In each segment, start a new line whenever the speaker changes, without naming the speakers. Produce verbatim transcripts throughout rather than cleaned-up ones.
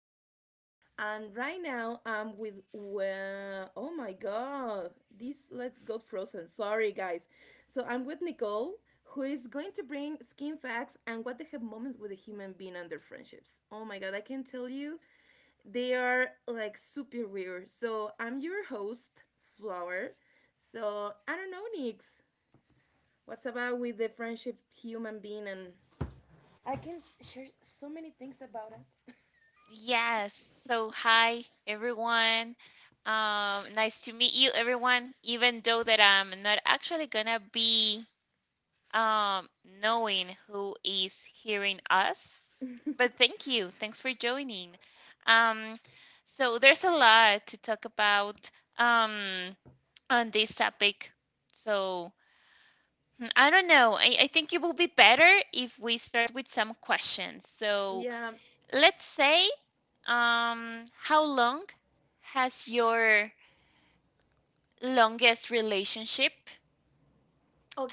Gossip. And right now I'm with well, oh my god, this let got frozen. Sorry guys. So I'm with Nicole, who is going to bring skin facts and what the heck moments with a human being under friendships. Oh my god, I can tell you they are like super weird. So I'm your host, Flower. So I don't know, Nix. What's about with the friendship human being and I can share so many things about it.
Yes. So, hi everyone. Um, nice to meet you, everyone. Even though that I'm not actually gonna be um knowing who is hearing us, but thank you. Thanks for joining. Um, so there's a lot to talk about um on this topic. So I don't know. I, I think it will be better if we start with some questions. So
Yeah.
let's say, um, how long has your longest relationship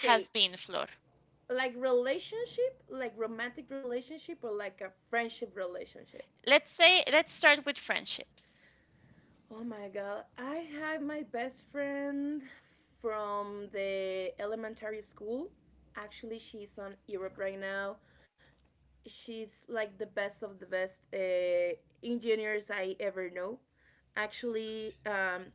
has been, Flor?
Like relationship, like romantic relationship or like a friendship relationship.
Let's say let's start with friendships.
Oh my god. I had my best friend from the elementary school. Actually, she's on Europe right now. She's like the best of the best uh, engineers I ever know. Actually, um,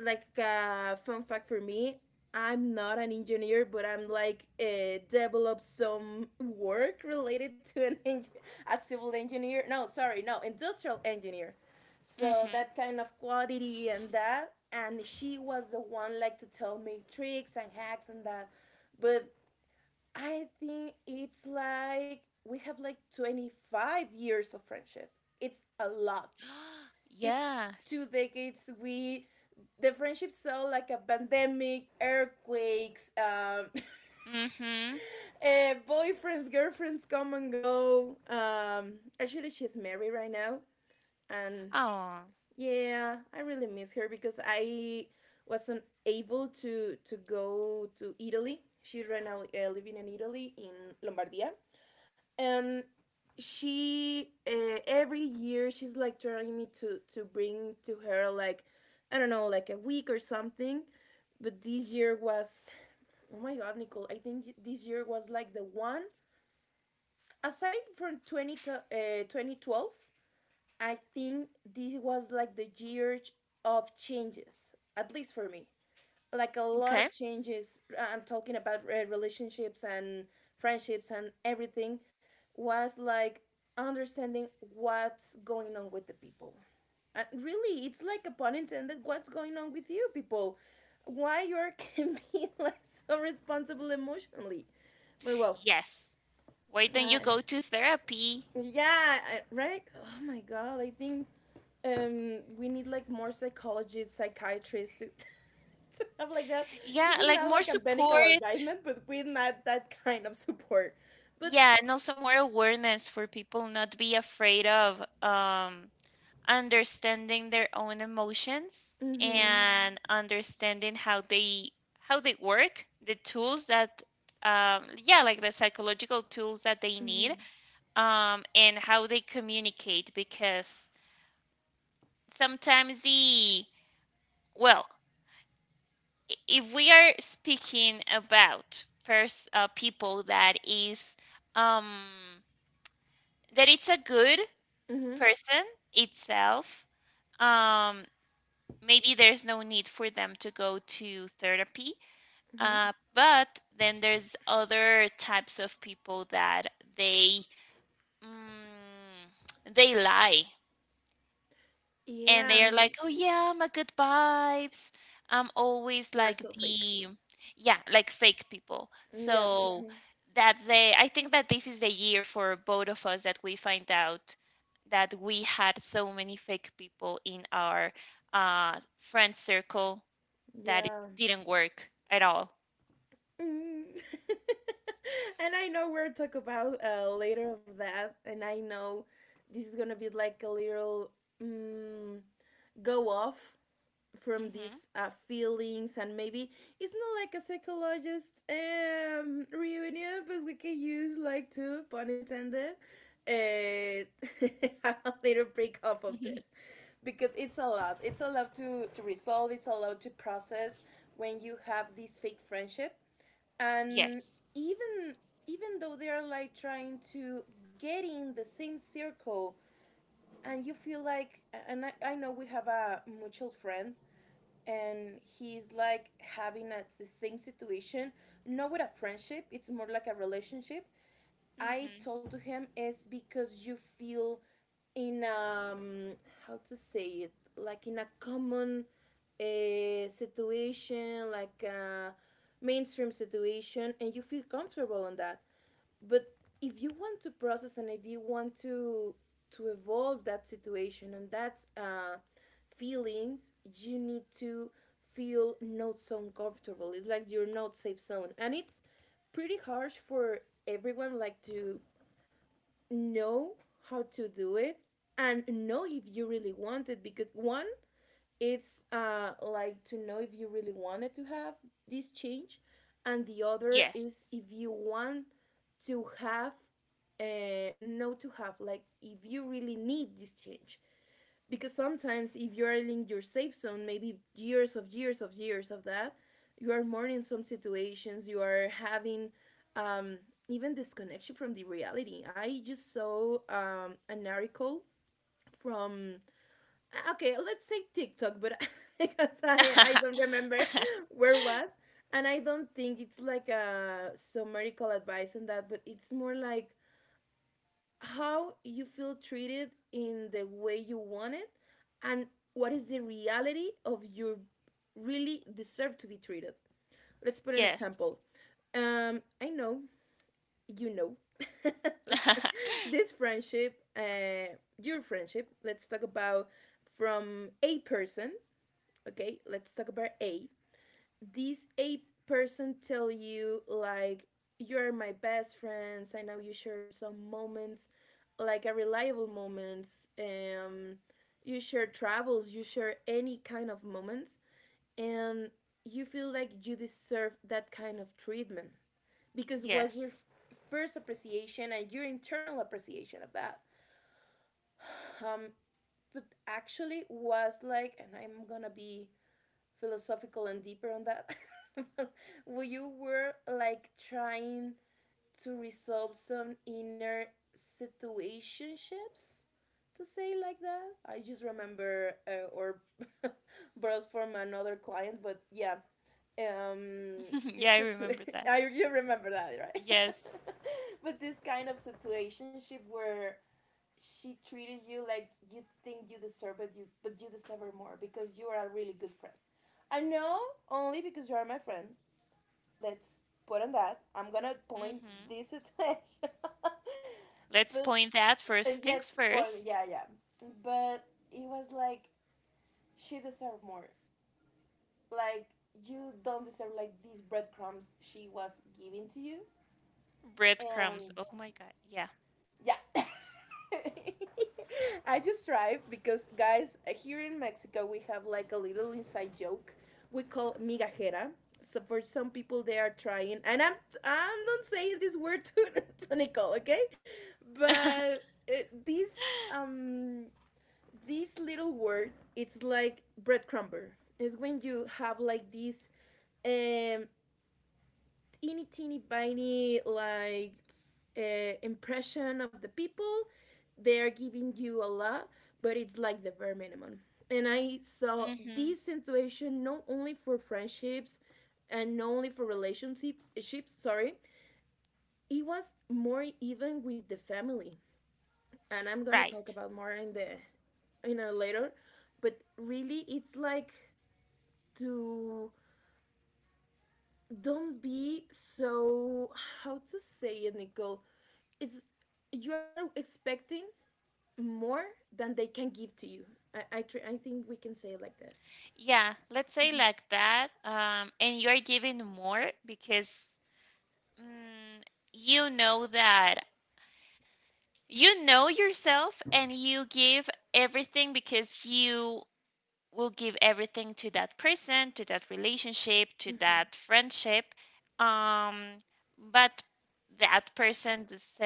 like a uh, fun fact for me, I'm not an engineer, but I'm like, uh, develop some work related to an eng- a civil engineer, no sorry, no, industrial engineer. So
Mm-hmm.
that kind of quality and that, and she was the one like to tell me tricks and hacks and that. But I think it's like we have like twenty-five years of friendship. It's a lot. It's
Yes.
two decades. We, the friendship saw like a pandemic, earthquakes, um,
Mm-hmm.
eh, boyfriends, girlfriends come and go. Um, actually, she's married right now, and
Oh,
yeah, I really miss her because I wasn't able to to go to Italy. She's right now uh, living in Italy in Lombardia, and she, uh, every year she's like trying me to to bring to her like, I don't know, like a week or something, but this year was, oh my god, Nicole, I think this year was like the one aside from twenty to, uh, twenty twelve. I think this was like the year of changes, at least for me, like a lot
okay.
of changes. I'm talking about uh, relationships and friendships, and everything was like understanding what's going on with the people. And really, it's like a pun intended, what's going on with you people? Why you are can be like so responsible emotionally? But well,
Yes. Why don't you
uh,
go to therapy?
yeah, uh, right? Oh my god, I think um we need like more psychologists, psychiatrists to to have like that.
Yeah,
This is
like
not
more
like a medical
support.
advisement, but we need that kind of support. But
Yeah, and also more awareness for people not be afraid of um understanding their own emotions
mm-hmm,
and understanding how they how they work the tools that, um, yeah, like the psychological tools that they need,
mm-hmm,
um, and how they communicate, because sometimes the well, i- if we are speaking about pers- uh, people that is, um, that it's a good
mm-hmm,
person itself, um, maybe there's no need for them to go to therapy.
mm-hmm.
Uh, but then there's other types of people that they, mm, they lie, and
Yeah,
they are
and
like, oh yeah, I'm a good vibes. I'm always
they're
like
so fake.
the Yeah, like fake people.
Yeah,
So
mm-hmm.
that's a I think that this is the year for both of us that we find out that we had so many fake people in our uh, friend circle that it
Yeah.
didn't work at all.
Mm. And I know we'll talk about uh, later of that, and I know this is gonna be like a little um go off from
Hmm.
these uh, feelings, and maybe it's not like a psychologist um, reunion, but we can use like two pun intended, uh, a little break off of this because it's a lot. It's a lot to to resolve. It's a lot to process when you have this fake friendship. And
Yes.
even even though they're like trying to get in the same circle, and you feel like, and I, I know we have a mutual friend, and he's like having a, the same situation, not with a friendship, it's more like a relationship. I
Hmm.
told to him is because you feel in um how to say it, like in a common uh, situation, like a mainstream situation, and you feel comfortable on that. But if you want to process, and if you want to to evolve that situation and that uh, feelings, you need to feel not so uncomfortable. It's like your not safe zone, and it's pretty harsh for everyone, like to know how to do it, and know if you really want it. Because one, it's uh like to know if you really wanted to have this change, and the other
Yes.
is if you want to have uh no, to have, like, if you really need this change. Because sometimes if you are in your safe zone, maybe years of years of years of that, you are more in some situations, you are having um even disconnection from the reality. I just saw um an article from, uh, okay, let's say TikTok, but because i i don't remember where it was. And I don't think it's like a some medical advice on that, but it's more like how you feel treated in the way you want it, and what is the reality of your really deserve to be treated. Let's put an
Yes.
example. Um, I know, you know. This friendship, uh your friendship. Let's talk about from a person. Okay, let's talk about a this a person tell you like, you're my best friends. I know you share some moments, like a reliable moments, um you share travels, you share any kind of moments, and you feel like you deserve that kind of treatment because was your
Yes.
first appreciation and your internal appreciation of that. Um, but actually was like, and I'm gonna be philosophical and deeper on that. Where you were like trying to resolve some inner situationships, to say like that. I just remember uh, or borrows from another client, but yeah, um,
Yeah,
this
I
situation.
remember that.
I, you remember that, right?
Yes.
But this kind of situationship where she treated you like you think you deserve it, you, but you deserve her more because you are a really good friend. I know, only because you are my friend. Let's put on that. I'm gonna point
Hmm.
this attention.
Let's
But,
point that
and
first
yes,
things
spoil.
first.
Yeah, yeah. But it was like she deserved more. Like, you don't deserve like these breadcrumbs she was giving to you,
Breadcrumbs.
and
Oh my God. Yeah.
yeah. I just tried because, guys, here in Mexico, we have like a little inside joke, we call migajera. So for some people, they are trying, and I'm I'm not saying this word to, to Nicole, okay? But, uh, this um this little word, it's like breadcrumber. It's when you have like this um teeny teeny tiny like uh, impression of the people. They are giving you a lot, but it's like the bare minimum. And I saw
Hmm.
this situation not only for friendships, and not only for relationships, sorry, it was more even with the family. And I'm gonna talk
Right.
about more in the in a later, but really it's like to don't be so, how to say it, Nicole, it's, you're expecting more than they can give to you. I I, tr- I think we can say it like this.
Yeah, let's say
Mhm,
like that. Um, and you're giving more because, mm, you know that. You know yourself, and you give everything because you will give everything to that person, to that relationship, to
mhm,
that friendship. Um, but that person does-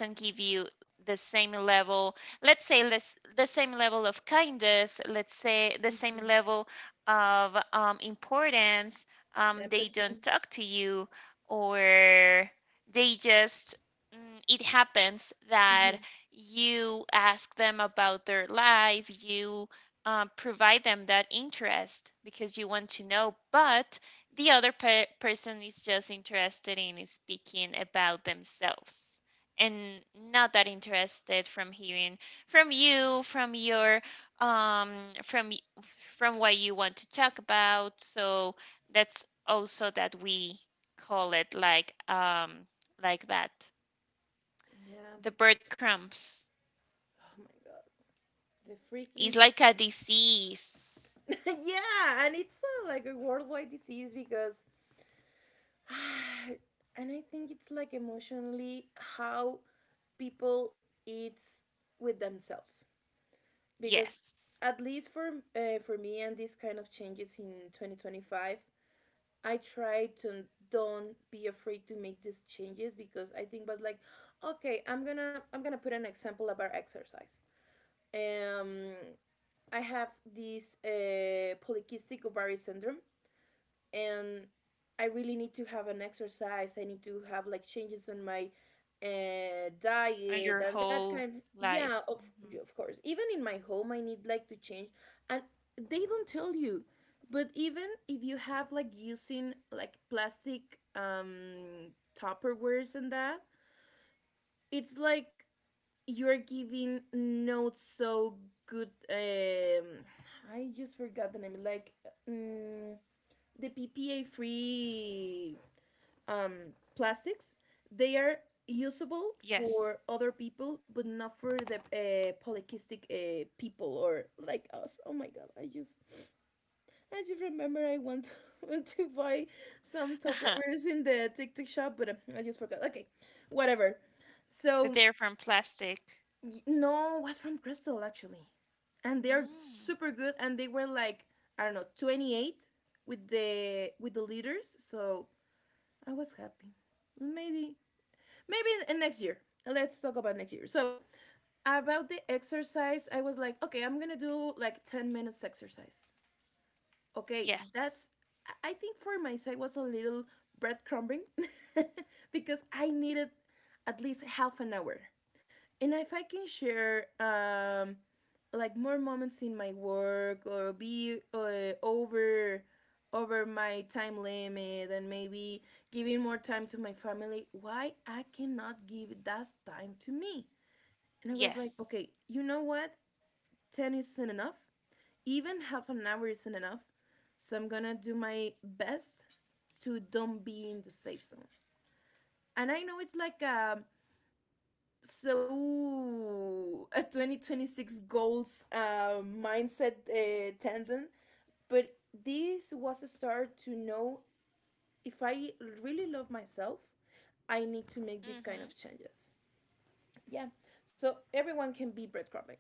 not give you the same level, let's say less, the same level of kindness, let's say the same
mhm.
level of, um, importance. Um, they don't
Empathy.
talk to you, or they just, mm, it happens
Hmm.
that you ask them about their life, you, uh, provide them that interest because you want to know, but the other pe- person is just interested in speaking about themselves, and not that interested from hearing from you, from your, um, from from what you want to talk about. So that's also that we call it like um like that.
Yeah.
The breadcrumbs
Oh my God. The freaking
is
breath.
like a disease.
Yeah, and it's a, like a worldwide disease because, and I think it's like emotionally how people eat with themselves, because
Yes.
at least for, uh, for me and this kind of changes in twenty twenty-five, I try to don't be afraid to make these changes because I think was like, okay, I'm gonna I'm gonna put an example about exercise. Um, I have this uh, polycystic ovary syndrome, and I really need to have an exercise. I need to have like changes on my uh,
On
diet
your
and that
whole
kind. Yeah,
life.
of, yeah,
Mhm.
of course. Even in my home, I need like to change, and they don't tell you. But even if you have like using like plastic um Tupperwares and that, it's like you're giving not so good, um I just forgot the name, like, um, the PPA free um plastics, they are usable
Yes.
for other people but not for the, uh, polycystic, uh, people or like us. Oh my god, I just, I just remember I want to, to buy some Tupperwares in the TikTok shop, but uh, I just forgot, okay. Whatever.
But
So,
they're from plastic.
Y- No, was from Crystal actually, and they're
Mm.
super good. And they were like, I don't know, twenty eight with the with the leaders. So I was happy. Maybe maybe in- next year. Let's talk about next year. So about the exercise, I was like, okay, I'm gonna do like ten minutes exercise. Okay,
Yes.
that's, I I think for my side was a little breadcrumbing because I needed at least half an hour. And if I can share, um, like more moments in my work or be uh, over over my time limit, and maybe giving more time to my family, why I cannot give that time to me? And I was like,
Yes.
okay, you know what? ten isn't enough. Even half an hour isn't enough. So I'm gonna do my best to don't be in the safe zone. And I know it's like a so a twenty twenty-six goals uh, mindset uh, tendon, but this was a start to know if I really love myself, I need to make these kind
Hmm.
of changes. Yeah. So everyone can be breadcrumbing.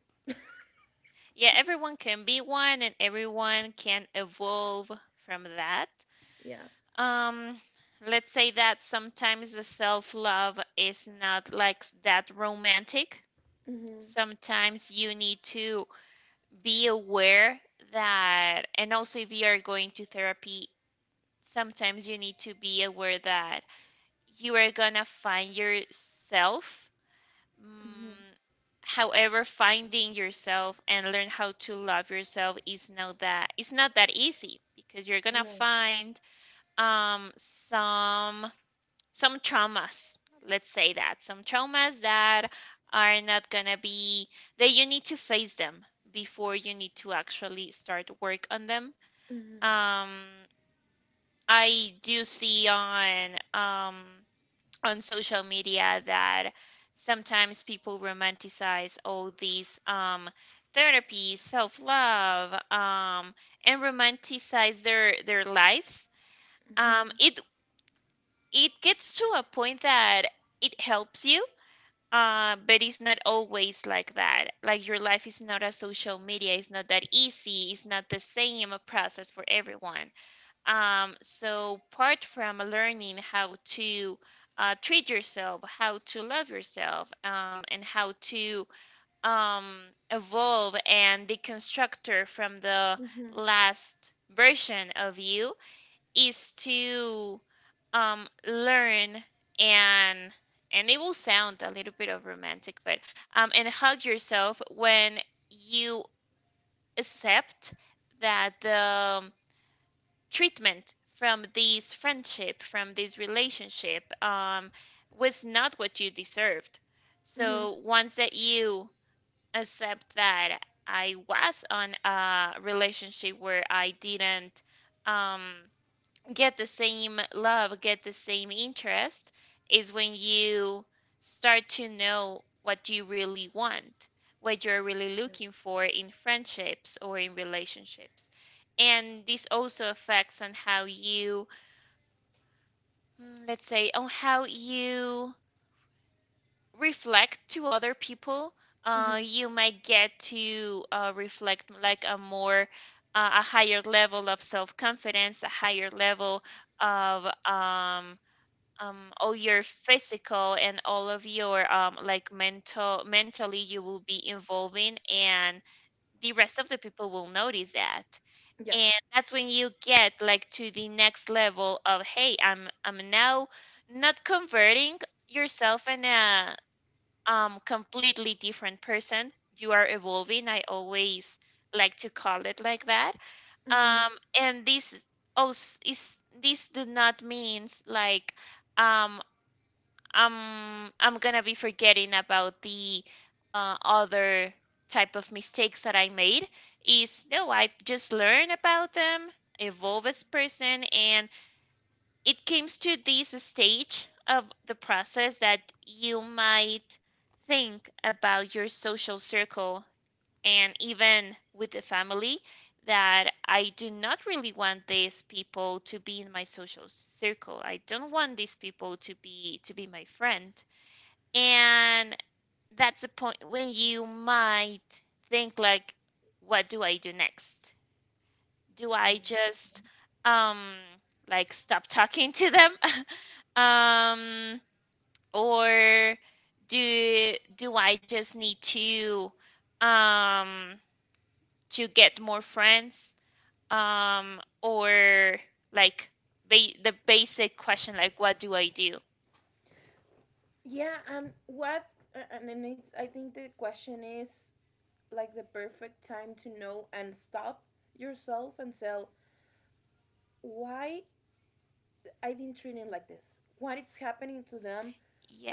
Yeah, everyone can be one and everyone can evolve from that.
Yeah.
Um, let's say that sometimes the self-love is not like s- that romantic.
Mm-hmm.
Sometimes you need to be aware that, and also if you are going to therapy, sometimes you need to be aware that you are gonna find yourself.
Mm-hmm.
Mm, however, finding yourself and learn how to love yourself is not that, it's not that easy, because you're gonna
No.
find um some some traumas. Let's say that some traumas that are not gonna be, that you need to face them before you need to actually start work on them.
Mm-hmm.
Um, I do see on um on social media that sometimes people romanticize all these, um, therapies, self love, um, and romanticize their their lives. Um,
Mm-hmm.
it it gets to a point that it helps you, uh, but it's not always like that. Like your life is not a social media. It's not that easy. It's not the same process for everyone. Um, so, part from learning how to, uh, treat yourself, how to love yourself, um, and how to, um, evolve and deconstructor from the
Mm-hmm.
last version of you, is to, um, learn, and and it will sound a little bit of romantic, but, um, and hug yourself when you accept that the treatment from this friendship, from this relationship, um, was not what you deserved. So
Mm-hmm.
once that you accept that I was on a relationship where I didn't, um, get the same love, get the same interest, is when you start to know what you really want, what you're really
Yeah.
looking for in friendships or in relationships. And this also affects on how you, mm, let's say, on how you reflect to other people. Uh,
Mm-hmm.
you might get to, uh, reflect like a more, uh, a higher level of self confidence, a higher level of, um, um all your physical and all of your um like mental mentally, you will be involving, and the rest of the people will notice that,
Yeah.
and that's when you get like to the next level of hey, i'm i'm now not converting yourself in a um completely different person. You are evolving. I always like to call it like that. um
Mm-hmm.
and this also is, this does not means like, um um I'm gonna be forgetting about the, uh, other type of mistakes that I made. Is no, I just learn about them, evolve as person, and it comes to this stage of the process that you might think about your social circle, and even with the family, that I do not really want these people to be in my social circle. I don't want these people to be to be my friend. And that's a point when you might think like, what do I do next? Do I just, um like, stop talking to them? um or do do I just need to, um to get more friends? Um, or like, ba- the basic question, like, what do I do?
yeah and what uh, and then it's I think the question is like the perfect time to know and stop yourself and say, why I've been treating like this, what is happening to them,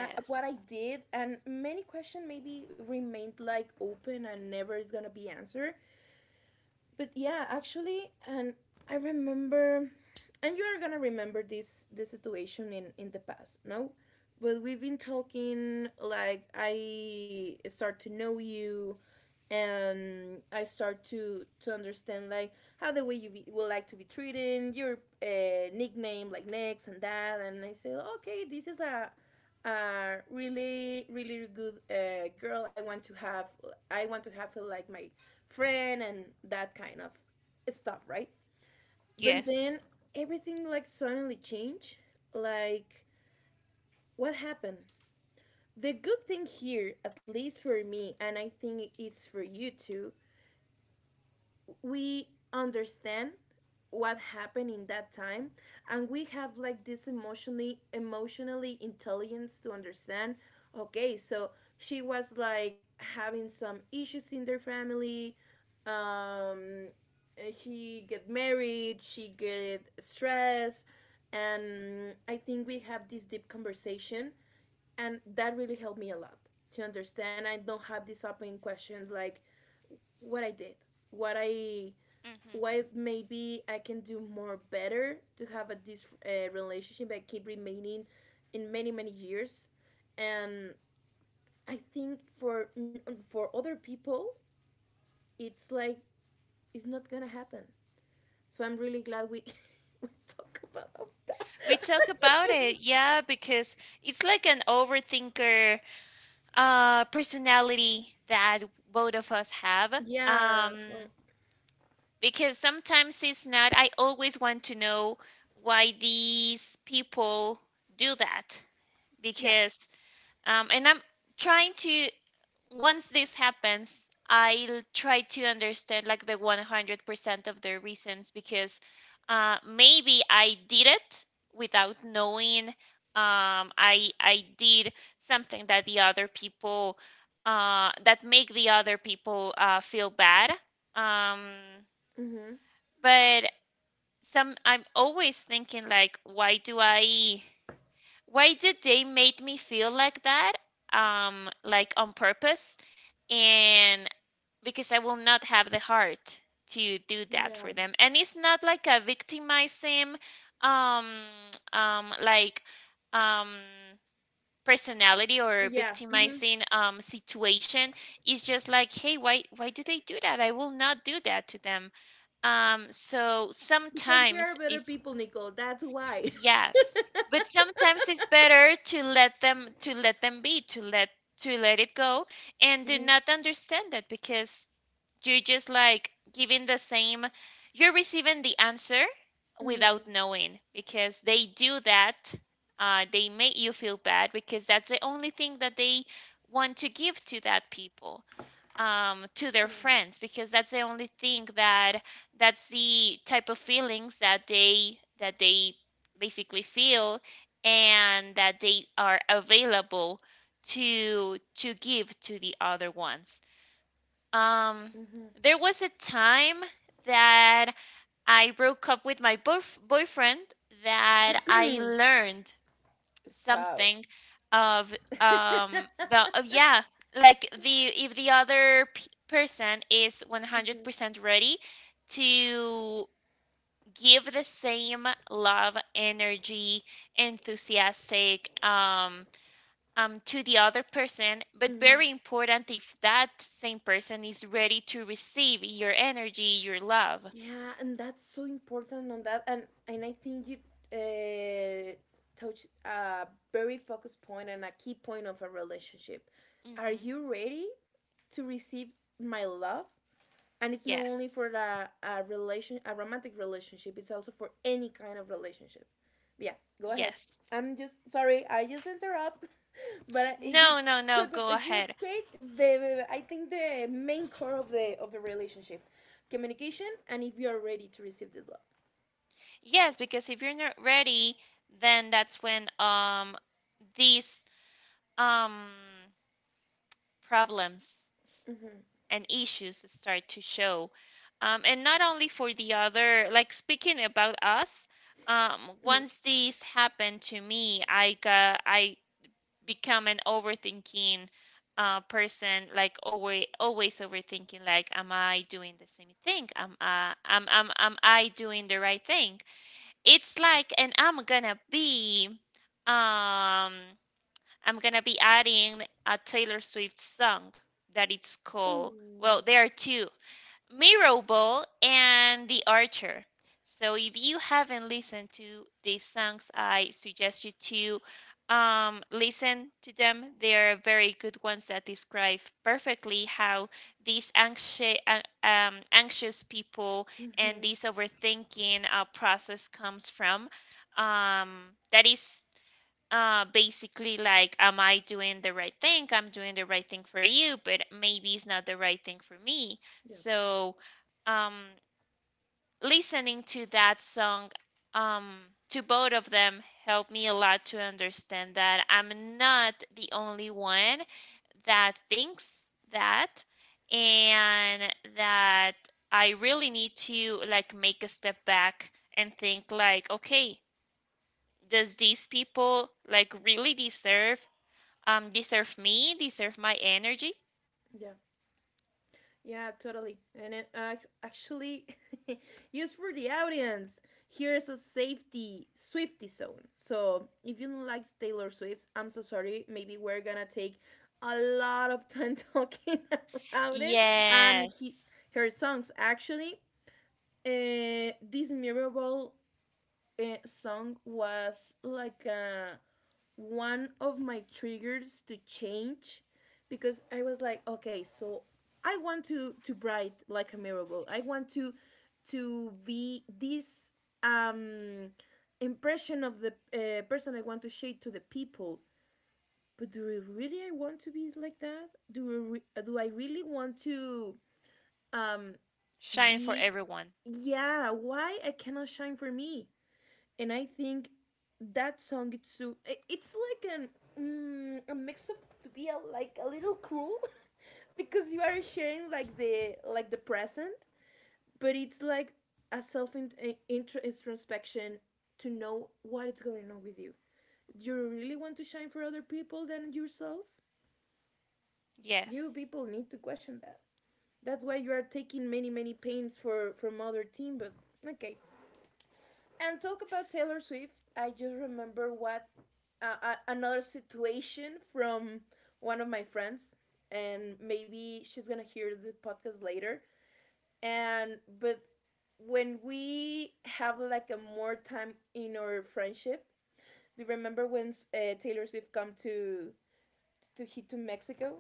uh, what I did, and many questions maybe remained like open and never is gonna be answered but yeah, actually, and I remember, and you are gonna remember this this situation in in the past, no? But we've been talking like I start to know you, and I start to to understand like how the way you be, would like to be treated, your uh, nickname like next and that, and I say okay, this is a a really really good uh, girl. I want to have I want to have her like my friend and that kind of stuff, right? But
Yes.
then everything like suddenly changed. Like, what happened? The good thing here, at least for me, and I think it's for you too, we understand what happened in that time and we have like this emotionally emotionally intelligence to understand okay so she was like having some issues in their family um uh, she get married she get stressed and I think we have this deep conversation and that really helped me a lot to understand I don't have these open questions like what I did what I
Mhm.
what maybe I can do more better to have a this uh, relationship that keep remaining in many many years, and I think for for other people it's like it's not gonna happen. So I'm really glad we we talk about that.
We
I
talk
just
about it,
remem-
yeah, because it's like an overthinker, uh, personality that both of us have.
yeah uh,
Um, because sometimes it's not, I always want to know why these people do that.
Yeah.
Because, um, and I'm trying to, once this happens, I'll try to understand like the one hundred percent of the reasons, because uh, maybe I did it without knowing. Um, I I did something that the other people, uh, that make the other people, uh, feel bad. Um,
Mm-hmm.
but some I'm always thinking like, why do I? Why do they make me feel like that? Um, like, on purpose? And because I will not have the heart to do that for
Yeah.
them. And it's not like a victimizing um um like um personality, or
Yeah. Mm-hmm.
victimizing um situation. It's just like, hey, why why do they do that? I will not do that to them. Um so
Because we
sometimes
are better
it's
people, Nicole. That's why.
yes. But sometimes it's better to let them, to let them be, to let to let it go, and do
Mm-hmm.
not understand that, because you're just like giving the same, you're receiving the answer without
Mm-hmm.
knowing because they do that. Uh, they make you feel bad because that's the only thing that they want to give to that people, um, to their
Yeah.
friends, because that's the only thing that, that's the type of feelings that they that they basically feel, and that they are available to to give to the other ones, um, there was a time that I broke up with my boyf boyfriend that I
Mm-hmm.
learned
Spouse.
something of, um the of, yeah, like the if the other p person is
Mhm,
one hundred percent ready to give the same love, energy, enthusiastic, um um, to the other person, but
mhm.
very important if that same person is ready to receive your energy, your love.
Yeah, and that's so important on that, and and I think you uh, touched a very focused point and a key point of a relationship. Are
Hmm.
you ready to receive my love? And it's not
Yes,
only for a, a relation a romantic relationship, it's also for any kind of relationship. Yeah, go ahead.
yes.
I'm just sorry I just interrupt. But I- you
No, no, no,
took
go
up- you
ahead.
take the I think the main core of the of the relationship communication and if you are ready to receive this love.
Yes, because if you're not ready, then that's when, um these, um problems, s-
Mm-hmm,
and issues start to show. Um, and not only for the other, like speaking about us, um,
mm-hmm.
once this happened to me, I got I become an overthinking, uh, person, like, always, always overthinking, like, am I doing the same thing? Am I, am, am, am I doing the right thing? It's like, and I'm gonna be, um, I'm gonna be adding a Taylor Swift song that it's called. Well,
Oh,
there are two. Mirrorball and The Archer. So if you haven't listened to these songs, I suggest you to, um, listen to them. They are very good ones that describe perfectly how these anxious, um, anxious people, and this
mm-hmm.
overthinking, uh, process comes from. Um, that is uh basically like, am I doing the right thing? I'm doing the right thing for you, but maybe it's not the right thing for me.
Yeah,
So, um listening to that song, um to both of them, helped me a lot to understand that I'm not the only one that thinks that, and that I really need to like make a step back and think like, okay, does these people like really deserve, um, deserve me, deserve my energy.
yeah. Yeah, totally. And it, uh, actually, used for the audience, here's a safety Swifty zone. So if you don't like Taylor Swift, I'm so sorry. Maybe we're gonna take a lot of time talking about it and
Yes.
he, her songs. Actually, uh, this memorable uh, song was like a one of my triggers to change because I was like, okay, so I want to to bright like a mirable. I want to to be this um impression of the uh, person I want to shade to the people. But do I really I want to be like that? Do I do I really want to um
Shine for
be
everyone.
yeah, why I cannot shine for me? And I think that song it's so i- it's like an mm, a mix of to be a, like a little cruel because you are sharing like the like the present, but it's like a self in, a- intro, introspection to know what is going on with you. Do you really want to shine for other people than yourself? You
Yes.
people need to question that. That's why you are taking many many pains for from other team, but okay. And talk about Taylor Swift, I just remember what uh, uh, another situation from one of my friends, and maybe she's gonna hear the podcast later. And but when we have like a more time in our friendship, do you remember when uh, Taylor Swift come to to hit to Mexico?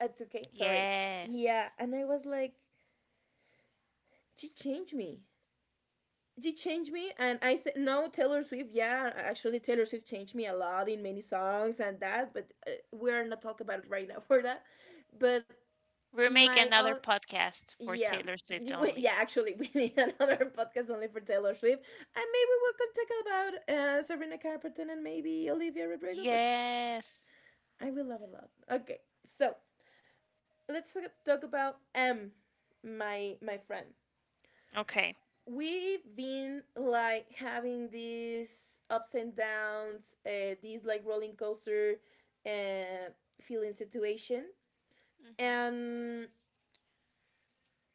At uh, to Ca- sorry, yeah,
Yes.
and I was like, she changed me. She changed me and I said no Taylor Swift, yeah, actually Taylor Swift changed me a lot in many songs and that but uh, we're not talking about it right now for that but
We'll make
my own
another podcast for
yeah.
Taylor Swift
You- we-
only.
yeah actually we need another podcast only for Taylor Swift and maybe we can talk about uh, Serena Carpenter and maybe Olivia Rodrigo but
Yes.
I will love a lot, okay, so let's talk about m my my friend.
Okay.
We've been like having these ups and downs, uh, these like rolling coaster uh, feeling situation.
Hmm.
And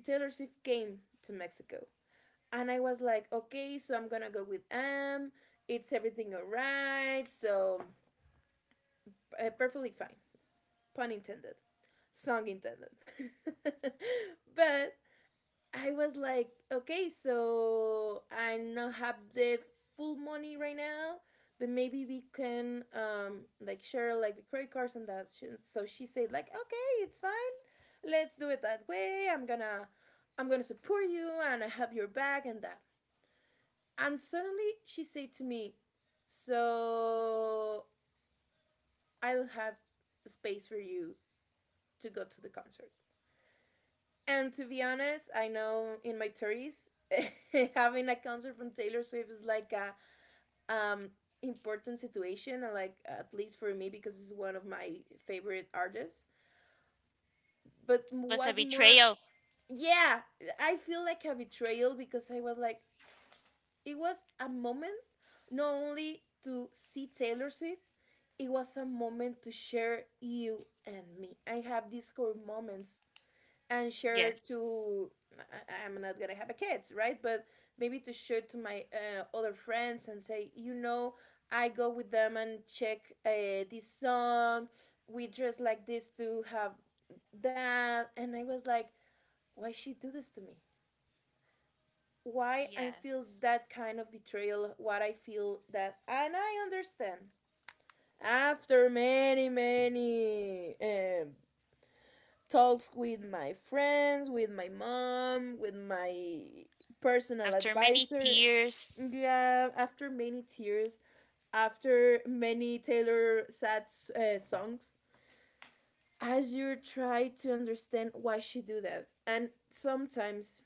Taylor Swift came to Mexico. And I was like, okay, so I'm gonna go with M. It's everything all right. So uh, perfectly fine. Pun intended, song intended. But I was like, okay, so I not have the full money right now, but maybe we can um like share like the credit cards and that. She- So she said like, okay, it's fine. Let's do it that way. I'm gonna I'm gonna support you and I have your back and that. And suddenly she said to me, so I don't have space for you to go to the concert. And to be honest, I know in my thirties, having a concert from Taylor Swift is like a um, important situation, and like at least for me because it's one of my favorite artists. But
Was
was
a
more,
betrayal.
yeah, I feel like a betrayal because I was like, it was a moment not only to see Taylor Swift, it was a moment to share you and me. I have these core moments and share
Yes.
to I- I'm not gonna have a kids, right? But maybe to share to my uh, other friends and say, you know, I go with them and check uh, this song. We dress like this to have that, and I was like, why she do this to me? Why I feel
Yes.
that kind of betrayal? What I feel that, and I understand after many many um, talks with my friends, with my mom, with my personal
After many
advisor.
tears.
Yeah, after many tears, after many Taylor sad uh, songs, Azure tried to understand why she do that. And sometimes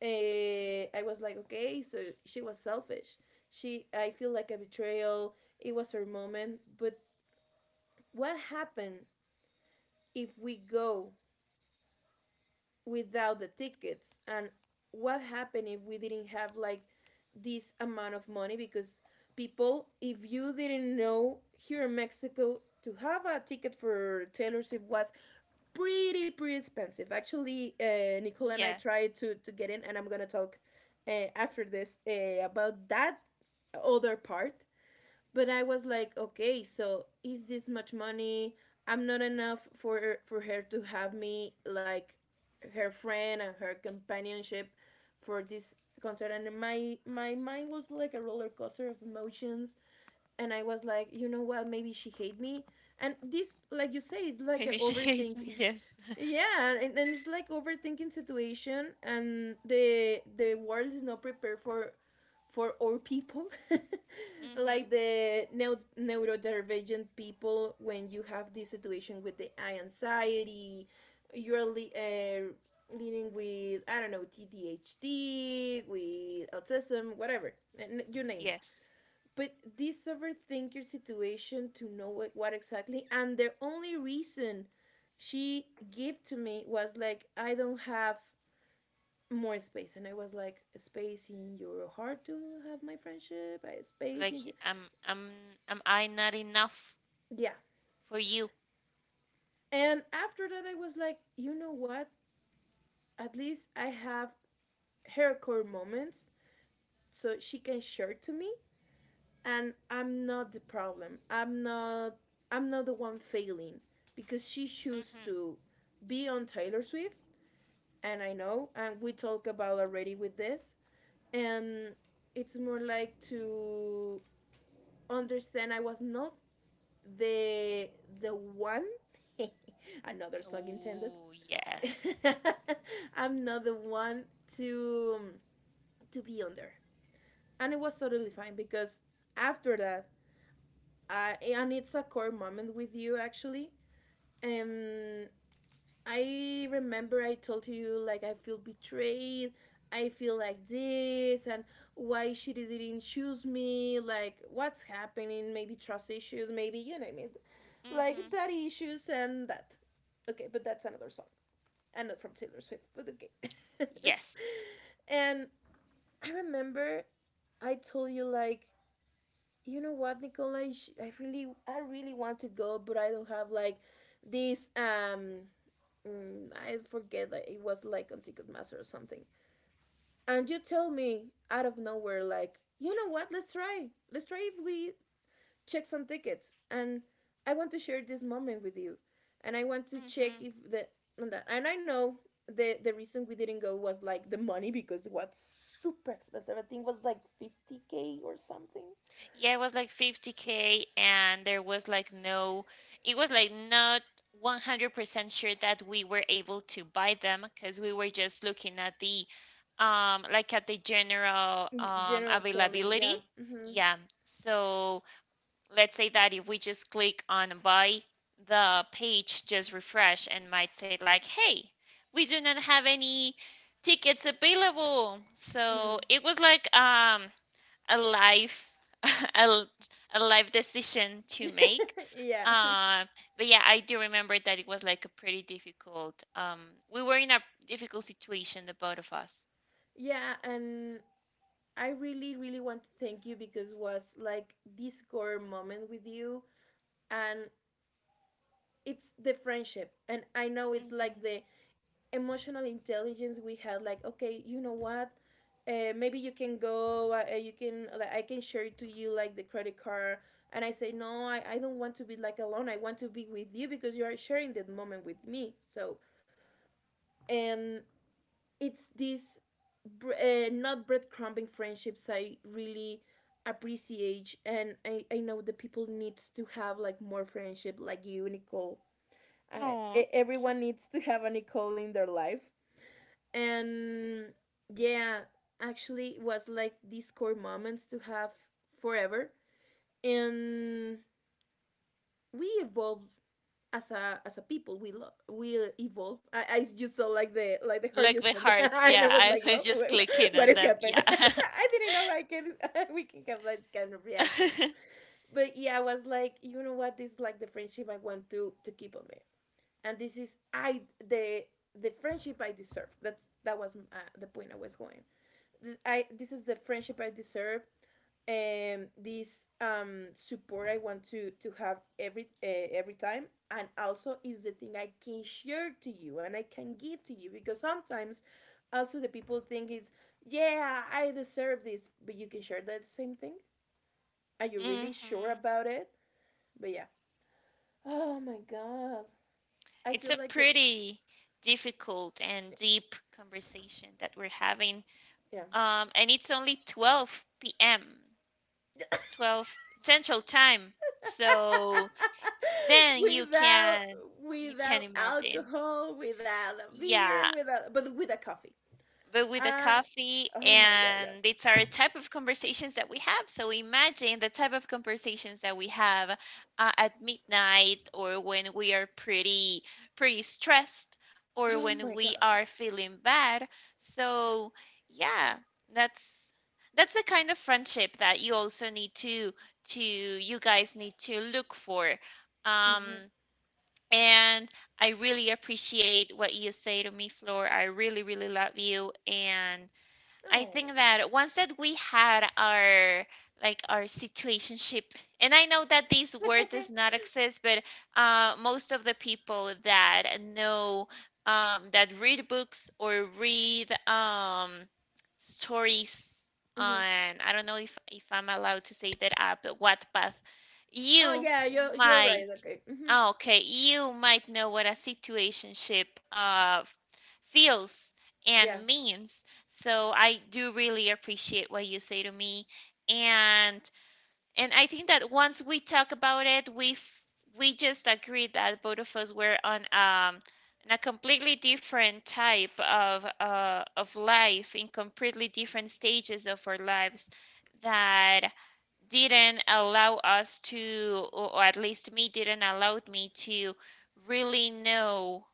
uh, I was like, okay, so she was selfish. She, I feel like a betrayal. It was her moment. But what happened if we go without the tickets and what happened if we didn't have like this amount of money because people if you didn't know here in Mexico to have a ticket for Taylor Swift was pretty pretty expensive. Actually uh, Nicola and I
Yes.
tried to to get in and I'm gonna talk uh, after this uh, about that other part but I was like okay so is this much money I'm not enough for for her to have me like her friend and her companionship for this concert and my my mind was like a roller coaster of emotions. And I was like, you know what? Maybe she hate me. And this, like you say, it's like a
Maybe she hates me.
overthink.
Yes.
Yeah, and, and it's like overthinking situation, and the the world is not prepared for for our people,
Mm-hmm.
like the neu- neurodivergent people. When you have this situation with the eye anxiety, you're li- uh, leading with I don't know T D H D, with autism, whatever, and you name it
Yes.
but these overthink your situation to know what, what exactly and the only reason she gave to me was like I don't have more space and I was like space in your heart to have my friendship I, space
Like,
in
am am am I not enough
yeah
for you?
and after that I was like you know what at least I have her core moments so she can share to me and I'm not the problem. I'm not I'm not the one failing because she chose
Hmm.
to be on Taylor Swift and I know and we talked about already with this and it's more like to understand I was not the the one another song intended.
Oh, yes.
I'm not the one to to be on there and it was totally fine because after that I, and it's a core moment with you actually. Um, I remember I told you like I feel betrayed. I feel like this, and why she didn't choose me. Like what's happening? Maybe trust issues. Maybe you know what I mean, like
Mm-hmm.
daddy issues and that. Okay, but that's another song, and not from Taylor Swift. But okay.
Yes.
And I remember I told you like you know what Nicola i really I really want to go but I don't have like this um mm, I forget that it was like on Ticketmaster or something and you tell me out of nowhere like you know what let's try let's try if we check some tickets and I want to share this moment with you and I want to check
Mm-hmm.
if the and that- and I know the the reason we didn't go was like the money because it was super expensive I think it was like fifty k or something.
Yeah, it was like fifty k, and there was like no, it was like not one hundred percent sure that we were able to buy them because we were just looking at the, um, like at the general, um,
General selling, yeah.
availability.
Hmm.
Yeah. So let's say that if we just click on buy, the page just refresh and might say like, hey, we do not have any tickets available.
Hmm.
So it was like um, a live, a, a live decision to make.
Yeah.
Uh, but yeah, I do remember that it was like a pretty difficult. Um, we were in a difficult situation, the both of us.
Yeah, and I really, really want to thank you because was like this core moment with you and it's the friendship. And I know it's like
Hmm
the emotional intelligence we had, like, okay, you know what? Uh, maybe you can go uh, uh, you can like i can share to you like the credit card. And I say no I, I don't want to be like alone. I want to be with you because you are sharing that moment with me. So and it's this br- uh, not breadcrumbing friendships I really appreciate, and I, I know that people needs to have like more friendship like you, Nicole. I, e- everyone needs to have a Nicole in their life, and yeah, actually it was like these core moments to have forever, and we evolved as a as a people we love we evolve. I, I just saw like the like the heart
Like the
horizon
hearts,
and I
yeah.
was
I
like
was
love.
just
what,
clicking
what
on
is
them,
happening?
yeah.
I didn't know I can we can have that kind of reactions. But yeah, I was like, you know what, this is like the friendship I want to to keep on there. And this is I the the friendship I deserve. That's that was uh, the point I was going. This, I this is the friendship I deserve, and this um support I want to to have every uh, every time, and also is the thing I can share to you and I can give to you. Because sometimes also the people think it's yeah I deserve this, but you can share that same thing. Are you really sure
hmm
about it? But yeah. Oh my god, I
It's
feel
a
like a,
pretty difficult and deep conversation that we're having.
yeah.
Um, and it's only twelve p m, twelve Central Time. So then you
Without
can you can
without
imagine.
alcohol, without a beer,
Yeah,
without but with a coffee.
but with a
Uh
coffee,
oh my god, yeah.
and it's our type of conversations that we have, so imagine the type of conversations that we have uh, at midnight, or when we are pretty pretty stressed, or
Oh
when
my
we
god.
are feeling bad. So yeah, that's that's the kind of friendship that you also need to to you guys need to look for. um
Hmm.
and I really appreciate what you say to me, Flor. I really, really love you. And I
Oh.
think that once that we had our like our situationship, and I know that this word does not exist, but uh, most of the people that know um, that read books or read um, stories
Hmm.
on, I don't know if if I'm allowed to say that app, but Wattpad,
Oh
you
yeah, you are you're
might
right. Okay. Hmm.
Ah, okay, you might know what a situationship uh, feels
Yeah.
and means. So I do really appreciate what you say to me, and and I think that once we talk about it, we f- we just agreed that both of us were on um on a completely different type of uh of life, in completely different stages of our lives that didn't allow us to, or at least me didn't allow me to really know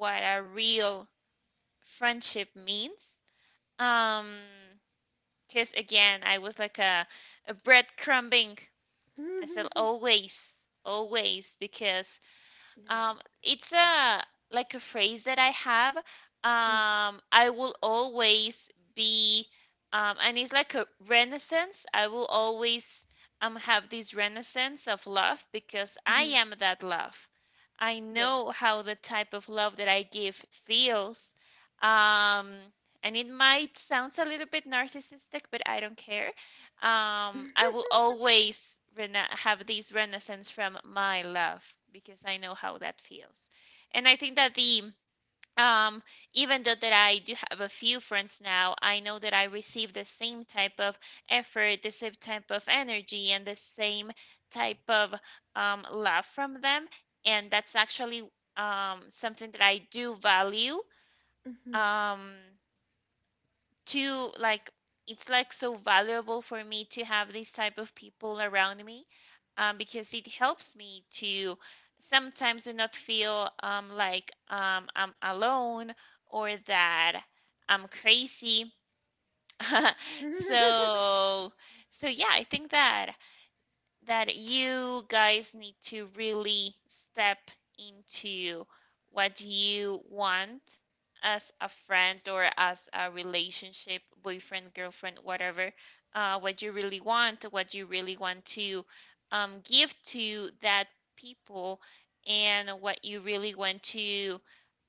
what a real friendship means. Um, because again, I was like a, a breadcrumbing, as I said, always, always, because
Yeah.
um, it's a like a phrase that I have.
Mm-hmm.
Um, I will always be, um, and it's like a renaissance. I will always um have this renaissance of love because I
Mm-hmm.
am that love. I
Yeah.
know how the type of love that I give feels. Um, and it might sounds a little bit narcissistic, but I don't care. Um, I will always rena have this renaissance from my love because I know how that feels. And I think that the um, even though that I do have a few friends now, I know that I receive the same type of effort, the same type of energy, and the same type of um, love from them. And that's actually um, something that I do value. Um, too like it's like so valuable for me to have this type of people around me um, because it helps me to sometimes do not feel um, like um, I'm alone or that I'm crazy.
Hmm.
so so yeah, I think that that you guys need to really step into what you want as a friend or as a relationship, boyfriend, girlfriend, whatever, uh, what you really want, what you really want to um, give to that people, and what you really want to,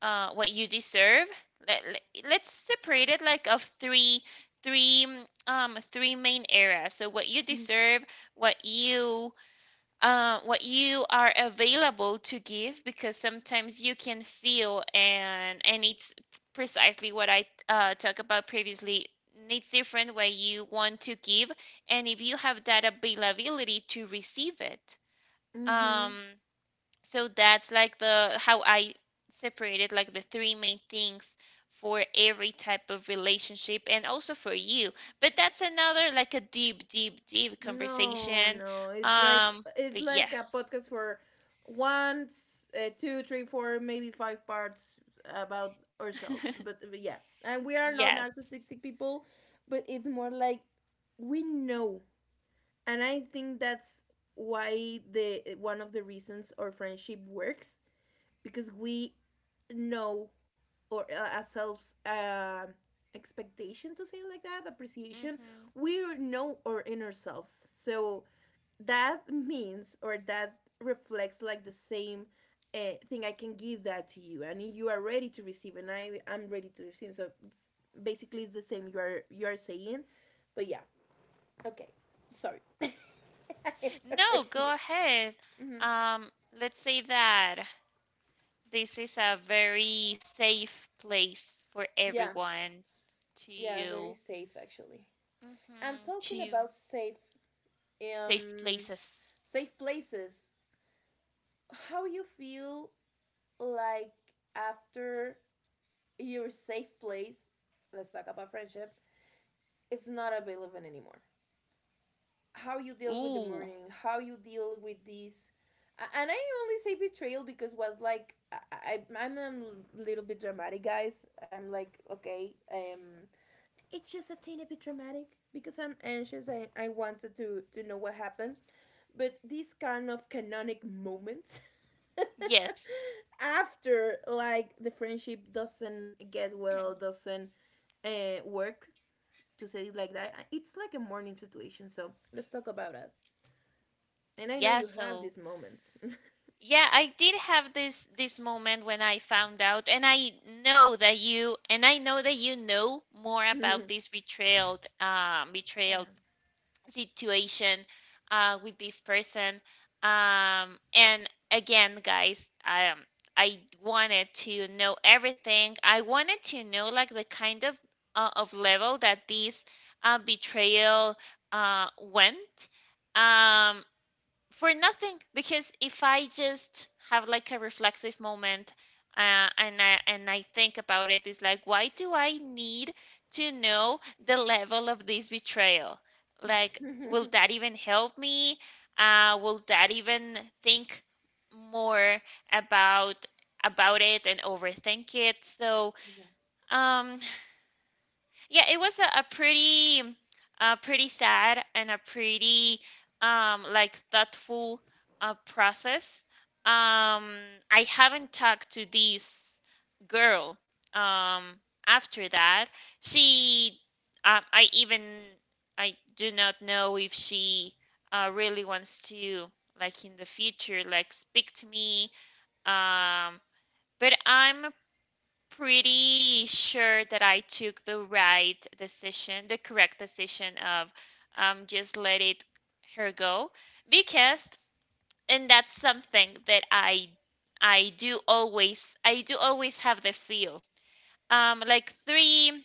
uh, what you deserve. Let, let- us separate it like of three, three, um, three main areas. So what you deserve, what you uh, what you are available to give, because sometimes you can feel, and and it's precisely what I uh, talked about previously. It's different when you want to give and if you have that availability to receive it. Um,
Hmm.
so that's like the how I separated like the three main things for every type of relationship, and also for you. But that's another like a deep, deep, deep
No,
conversation.
no. It's like
Um,
it's
but
like a
yes,
podcast for one, s- uh, two, three, four, maybe five parts about ourselves. But, uh, yeah, and we are not
yes.
narcissistic people, but it's more like we know, and I think that's why the one of the reasons our friendship works, because we know or uh, ourselves um expectation to say it like that, appreciation.
hmm
We know our inner selves, so that means or that reflects like the same uh, thing I can give that to you, and you are ready to receive, and I I'm ready to receive. So basically, it's the same you are you are saying, but yeah, okay, sorry, I
No,
interrupt you.
go ahead.
Mhm.
Um, let's say that this is a very safe place for
Yeah,
everyone
yeah, very
to,
safe actually. And
hmm
talking
to
about safe,
safe
um,
places.
safe places, how you feel like after your safe place? Let's talk about friendship. It's not available anymore. How you deal with the
Ooh,
mourning, how you deal with this. And I only say betrayal because was like I, I I'm a little bit dramatic, guys. I'm like okay, um, it's just a teeny bit dramatic because I'm anxious. I, I wanted to to know what happened, but these kind of canonic moments
yes.
after like the friendship doesn't get well, doesn't uh, work to say it like that. It's like a morning situation, so let's talk about it. And I know
yeah
you have
so
these moments.
yeah i did have this this moment when I found out, and I know that you, and I know that you know more about
Damn.
this betrayal um betrayal situation uh with this person. Um and again, guys, um I wanted to know everything. I wanted to know like the kind of uh, of level that this uh, betrayal uh went, um for nothing, because if I just have like a reflexive moment, uh, and i and I think about it, it's like, why do I need to know the level of this betrayal? Like, will that even help me, uh, will that even think more about about it and overthink it? so
Yeah.
um yeah, it was a, a pretty, uh, pretty sad and a pretty, um, like thoughtful, uh, process. Um, I haven't talked to this girl, um, after that. She, um, I even, I do not know if she, uh, really wants to, like in the future, like speak to me. Um, but I'm pretty sure that I took the right decision, the correct decision of um, just let it her go, because and that's something that I I do always, I do always have the feel. Um, like three,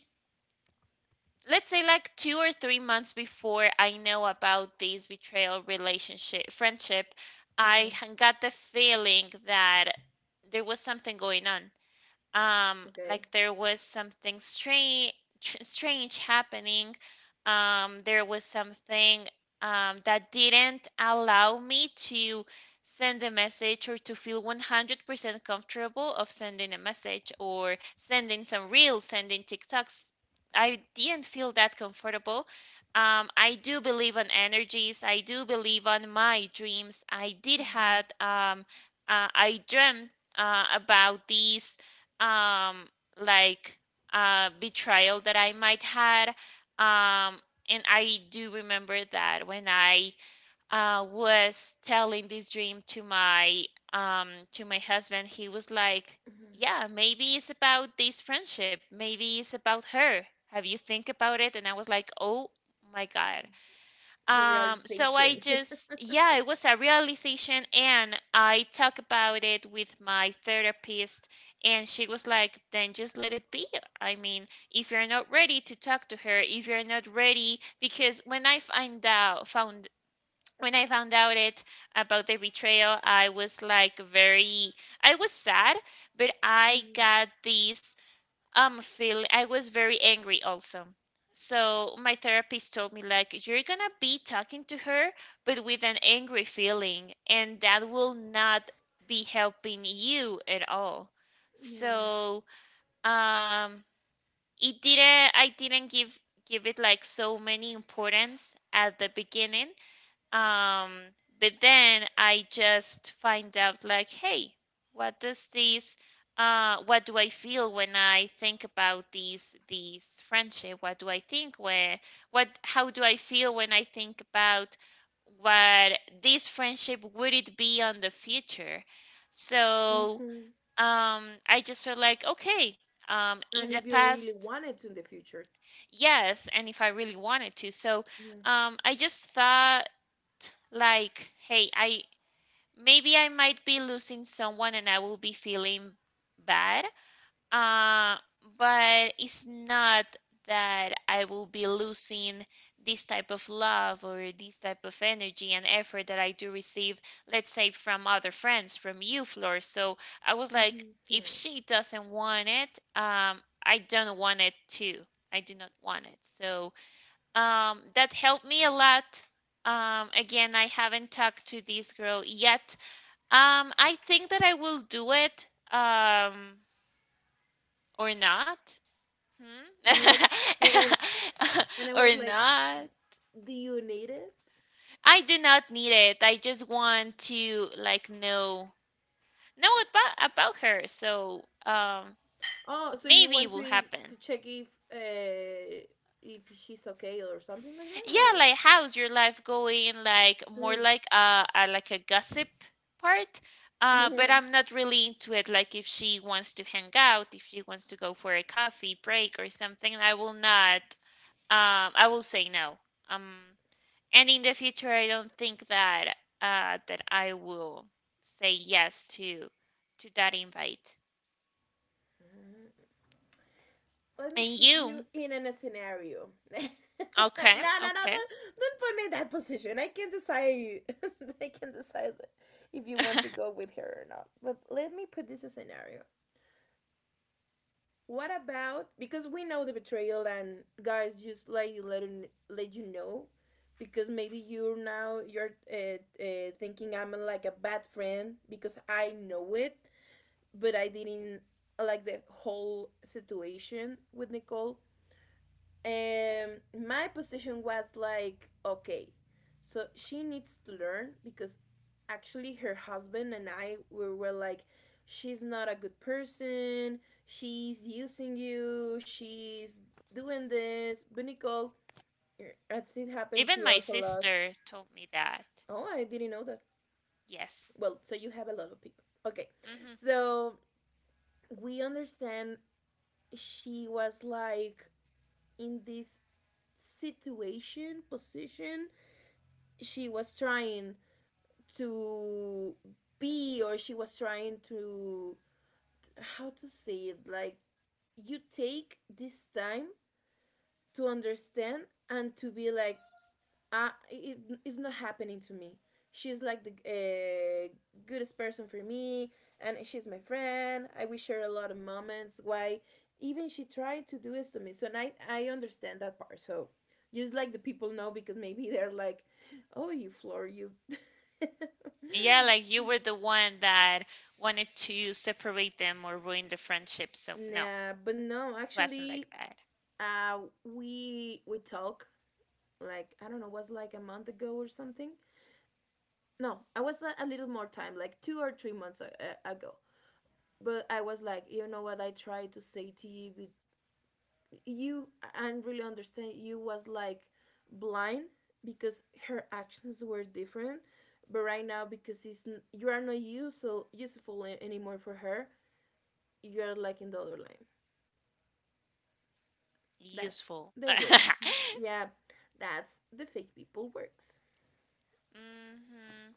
let's say like two or three months before I know about this betrayal relationship friendship, I
Mhm.
h- got the feeling that there was something going on, um
Okay.
like there was something strange, strange happening, um there was something um that didn't allow me to send a message or to feel one hundred percent comfortable of sending a message or sending some reels, sending TikToks. I didn't feel that comfortable. um I do believe on energies, I do believe on my dreams. I did
Mhm.
had um uh, I dreamt uh, about these um, like uh, betrayal that I might had. Um, and I do remember that when I uh, was telling this dream to my um, to my husband, he was like,
Mhm.
"Yeah, maybe it's about this friendship. Maybe it's about her. Have you think about it?" And I was like, "Oh my God."
The
Um, so I
realization.
just, yeah, it was a realization, and I talked about it with my therapist, and she was like, then just let it be. I mean, if you're not ready to talk to her, if you're not ready, because when I find out, found, when I found out it about the betrayal, I was like very, I was sad, but I
Mm,
got this um, Phil, I was very angry also. So my therapist told me like you're gonna be talking to her, but with an angry feeling, and that will not be helping you at all.
yeah.
So um, it didn't. I didn't give give it like so many importance at the beginning, um, but then I just find out like, hey, what does this uh what do I feel when I think about these these friendship? What do I think where what how do I feel when I think about what this friendship would it be on the future? So
Hmm.
um I just felt like, okay, um in
And
the
if you really
past,
wanted to in the future,
yes, and if I really wanted to. So um I just thought like, hey, I maybe I might be losing someone, and I will be feeling bad. Uh, but it's not that I will be losing this type of love or this type of energy and effort that I do receive, let's say from other friends, from you, Flor. So I was like, if
mm-hmm.
she doesn't want it, um, I don't want it too. I do not want it. So um, that helped me a lot. Um, again, I haven't talked to this girl yet. Um, I think that I will do it, um, or not. Hmm?
You and and I
Or
was like,
not.
do you need it?
I do not need it. I just want to like know know about about her. So um,
Oh, so you
maybe it
want to
will
e,
happen.
to check if uh if she's okay or something like that,
Yeah,
or
like how's your life going? Like more
Mm.
like a, a like a gossip part. Uh, but I'm not really into it. Like if she wants to hang out, if she wants to go for a coffee break or something, I will not. Um, I will say no. Um, and in the future, I don't think that uh that I will say yes to to that invite.
Let me
And
put you
you?
in an- a scenario. No,
Okay,
no, no!
okay.
Don't, don't put me in that position. I can decide. I can decide if you want to go with her or not. But let me put this a scenario. What about, because we know the betrayal, and guys just like let let you know, because maybe you're now you're uh, uh, thinking I'm like a bad friend because I know it, but I didn't like the whole situation with Nicole. And my position was like, okay, so she needs to learn, because actually her husband and I we were like, she's not a good person, she's using you, she's doing this. But Nicole, as it happened
Even
to
my
us a lot.
sister told me that.
Oh, I didn't know that.
Yes.
Well, so you have a lot of people. Okay,
Mm-hmm.
so we understand she was like in this situation, position. She was trying to be, or she was trying to, how to say it, like you take this time to understand and to be like, uh, it, it's not happening to me. She's like the uh, goodest person for me, and she's my friend. I wish her a lot of moments. Why? Even she tried to do this to me. So, and I, I understand that part. So, just like the people know, because maybe they're like, oh, you floor, you.
Yeah, like you were the one that wanted to separate them or ruin the friendship. So, no,
Nah, but no,
wasn't like
actually,
that.
uh, we we talk like I don't know, was like a month ago or something. No I was a little more time, like two or three months uh, uh, ago. But I was like, you know what, I tried to say to you, but you, I really understand you was like blind because her actions were different, but right now, because it's, you are not useful useful anymore for her. You are like in the other line. That's
Useful.
the way. Yeah, that's the fake people works.
hmm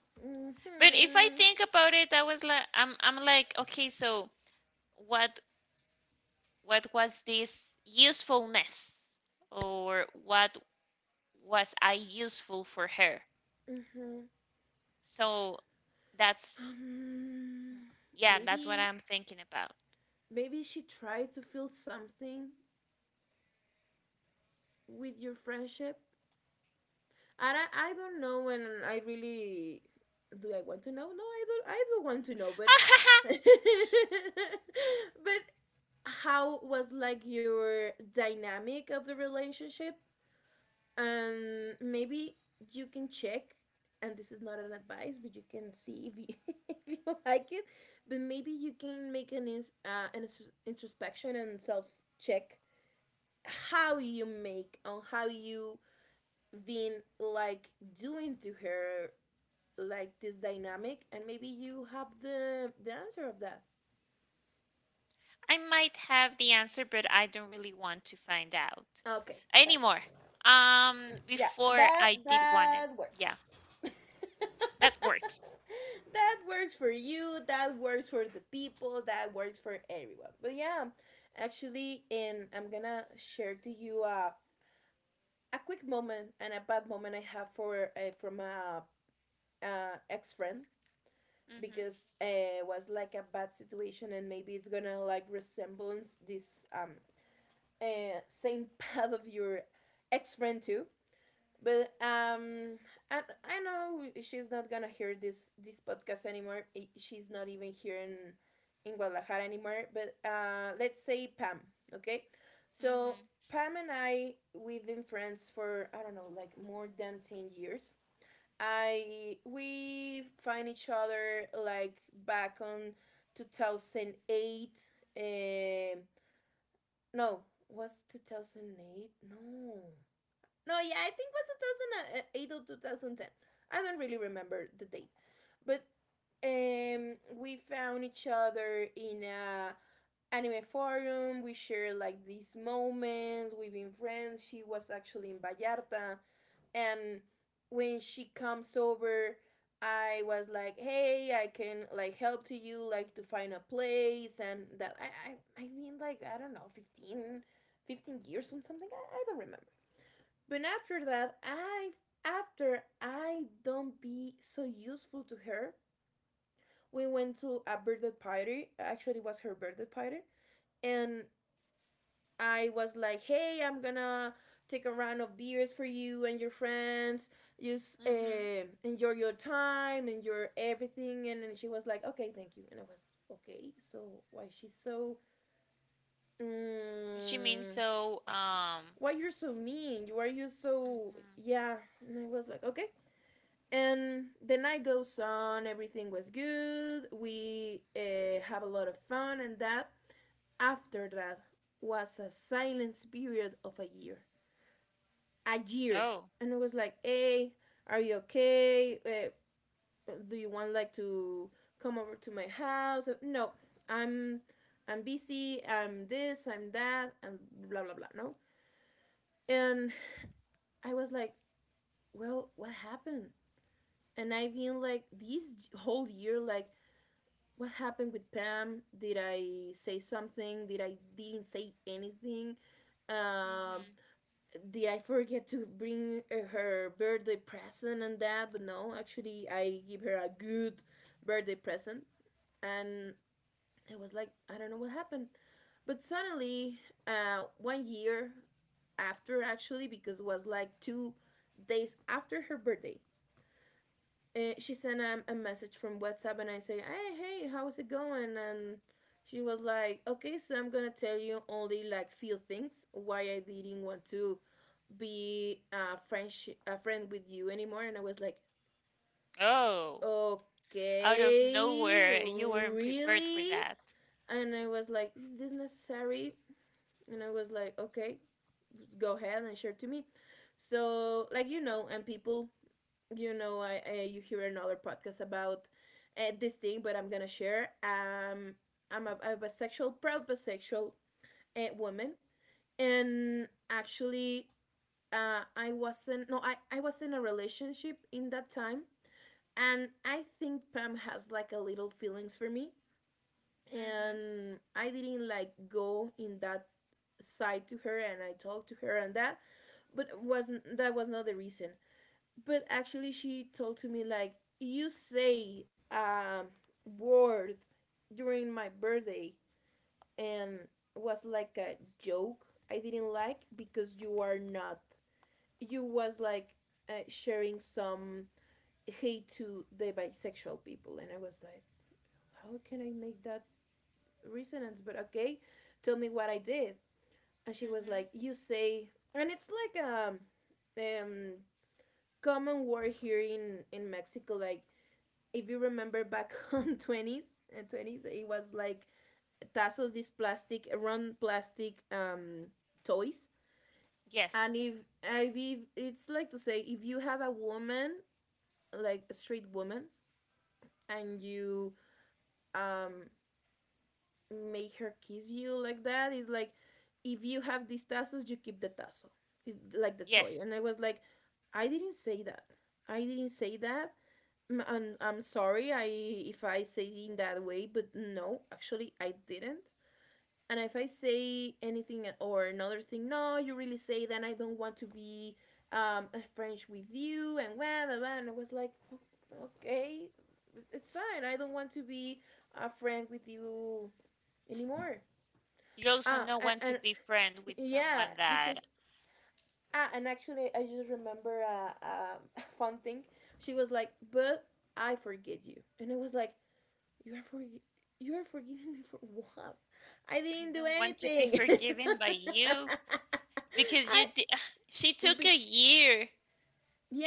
But if I
Mm-hmm.
think about it, I was like, I'm, I'm like, okay, so what, what was this usefulness, or what was I useful for her?
Mm-hmm.
So that's,
Um,
yeah, that's what
maybe
I'm thinking about.
maybe she tried to feel something with your friendship. And I, I don't know, and I really do I want to know? No, I don't, I don't want to know, but but how was like your dynamic of the relationship? And maybe you can check, and this is not an advice, but you can see if you, if you like it. But maybe you can make an, ins- uh, an ins- introspection and self check, how you make on how you been like doing to her, like this dynamic, and maybe you have the the answer of that.
I might have the answer, but I don't really want to find out
Okay, perfect.
anymore. Um,
Mm, yeah,
before
that
I did want it.
that works
Yeah,
that
that works.
works for you, that works for the people, that works for everyone. But yeah, actually, and I'm gonna share to you a, a quick moment and a bad moment I have for uh, from a, uh ex-friend, because
Mm-hmm.
it uh, was like a bad situation, and maybe it's gonna like resemblance this um uh, same path of your ex friend too. But um, and I know she's not gonna hear this this podcast anymore. She's not even here in in Guadalajara anymore. But uh, let's say Pam, okay? So
Mm-hmm.
Pam and I we've been friends for I don't know like more than ten years. I we find each other like back on twenty oh eight. eh, no, was twenty oh eight? No. No, yeah, I think it was twenty oh eight or twenty ten. I don't really remember the date. But um we found each other in a anime forum. We shared like these moments, we've been friends. She was actually in Vallarta, and when she comes over, I was like, hey, I can like help to you like to find a place and that. i i, I mean like I don't know, fifteen fifteen years or something. I, I don't remember, but after that I after I don't be so useful to her, we went to a birthday party, actually it was her birthday party, and I was like, hey, I'm gonna take a round of beers for you and your friends. Just
Mm-hmm.
uh, enjoy your time and your everything. And, and she was like, okay, thank you. And I was, okay, so why she's so.
She means
Um,
so. Um.
why you're so mean? Why are you so.
Mm-hmm.
Yeah. And I was like, okay. And the night goes on, everything was good. We uh, have a lot of fun and that. After that was a silence period of a year, a year,
Oh.
and I was like, "Hey, are you okay? Uh, do you want like to come over to my house?" No, I'm I'm busy. I'm this. I'm that. And blah blah blah. No, and I was like, "Well, what happened?" And I've been like this whole year, like, what happened with Pam? Did I say something? Did I didn't say anything? Um,
Mm-hmm.
did I forget to bring uh, her birthday present and that? But no, actually, I give her a good birthday present. And it was like, I don't know what happened. But suddenly, uh, one year after, actually, because it was like two days after her birthday, uh, she sent um, a message from WhatsApp, and I say, "Hey, hey, how's it going?" And she was like, "Okay, so I'm gonna tell you only like few things why I didn't want to be a French a friend with you anymore." And I was like,
Oh. Out of
"Okay,
nowhere, you weren't prepared for
really?
that.
And I was like, "Is this necessary?" And I was like, "Okay, go ahead and share to me." So, like you know, and people you know, I, I you hear another podcast about uh, this thing, but I'm gonna share. Um, I'm a, I'm a bisexual, proud bisexual uh, woman, and actually, uh, I wasn't. No, I I was in a relationship in that time, and I think Pam has like a little feelings for me,
Mm-hmm.
and I didn't like go in that side to her, and I talked to her and that, but it wasn't that was not the reason but actually she told to me like you say um word during my birthday and was like a joke I didn't like because you are not you was like uh, sharing some hate to the bisexual people. And I was like, how can I make that resonance? But okay, tell me what I did. And she was like,
Mm-hmm.
you say, and it's like um um common word here in in Mexico. Like, if you remember back on twenties and twenties, it was like tassos, these plastic round plastic um toys.
Yes.
And if I be it's like to say, if you have a woman, like a straight woman, and you um make her kiss you like that. It's like if you have these tassels, you keep the tassel. It's like the toy.
Yes.
And I was like, I didn't say that. I didn't say that. M- And I'm sorry I if I say it in that way, but no, actually I didn't. And if I say anything or another thing, no, you really say that I don't want to be um a French with you and blah blah blah. And I was like, "O- Okay, it's fine. I don't want to be a friend with you anymore.
You also
Ah,
know
and,
when to
and
be friend with
yeah,
someone that
because ah, and actually, I just remember a, a fun thing. She was like, "But I forget you," and I was like, "You are forg You are forgiving me for what? I
I
didn't do
don't want to be
anything."
forgiven by you. Because you
I,
di- she took
be,
a year,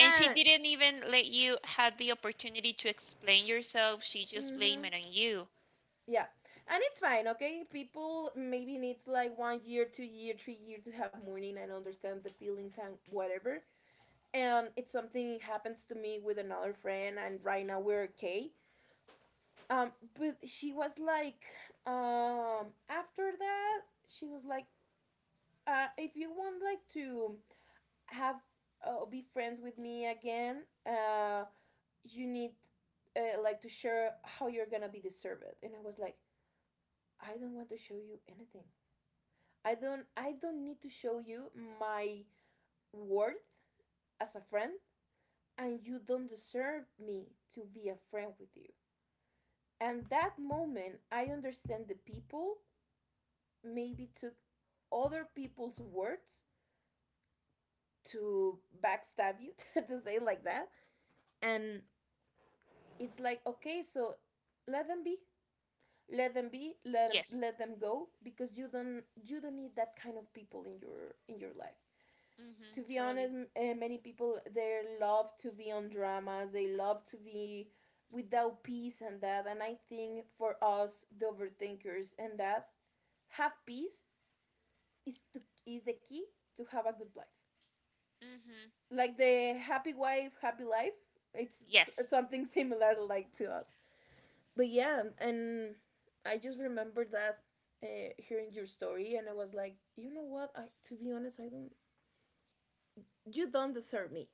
and she didn't even let you have the opportunity to explain yourself. She just blamed it
mm-hmm.
on you.
Yeah, and it's fine, okay. People maybe needs like one year, two year, three year to have mourning and understand the feelings and whatever. And it's something happens to me with another friend and right now we're okay. um but she was like, um after that, she was like, uh if you want like to have uh, be friends with me again, uh you need uh, like to share how you're gonna be deserved. And I was like, I don't want to show you anything. i don't I don't need to show you my worth as a friend, and you don't deserve me to be a friend with you. And that moment, I understand the people maybe took other people's words to backstab you, to say it like that. And it's like, okay, so let them be. Let them be, let them,
Yes.
let them go because you don't you don't need that kind of people in your in your life.
Mm-hmm.
To be honest,
Totally.
uh, many people they love to be on dramas. They love to be without peace and that. And I think for us, the overthinkers and that, have peace is to is the key to have a good life.
Mm-hmm
Like the happy wife, happy life. It's s-
yes
something similar like to us. But yeah, and I just remember that uh, hearing your story, and I was like, you know what? I To be honest, I don't. You don't deserve me.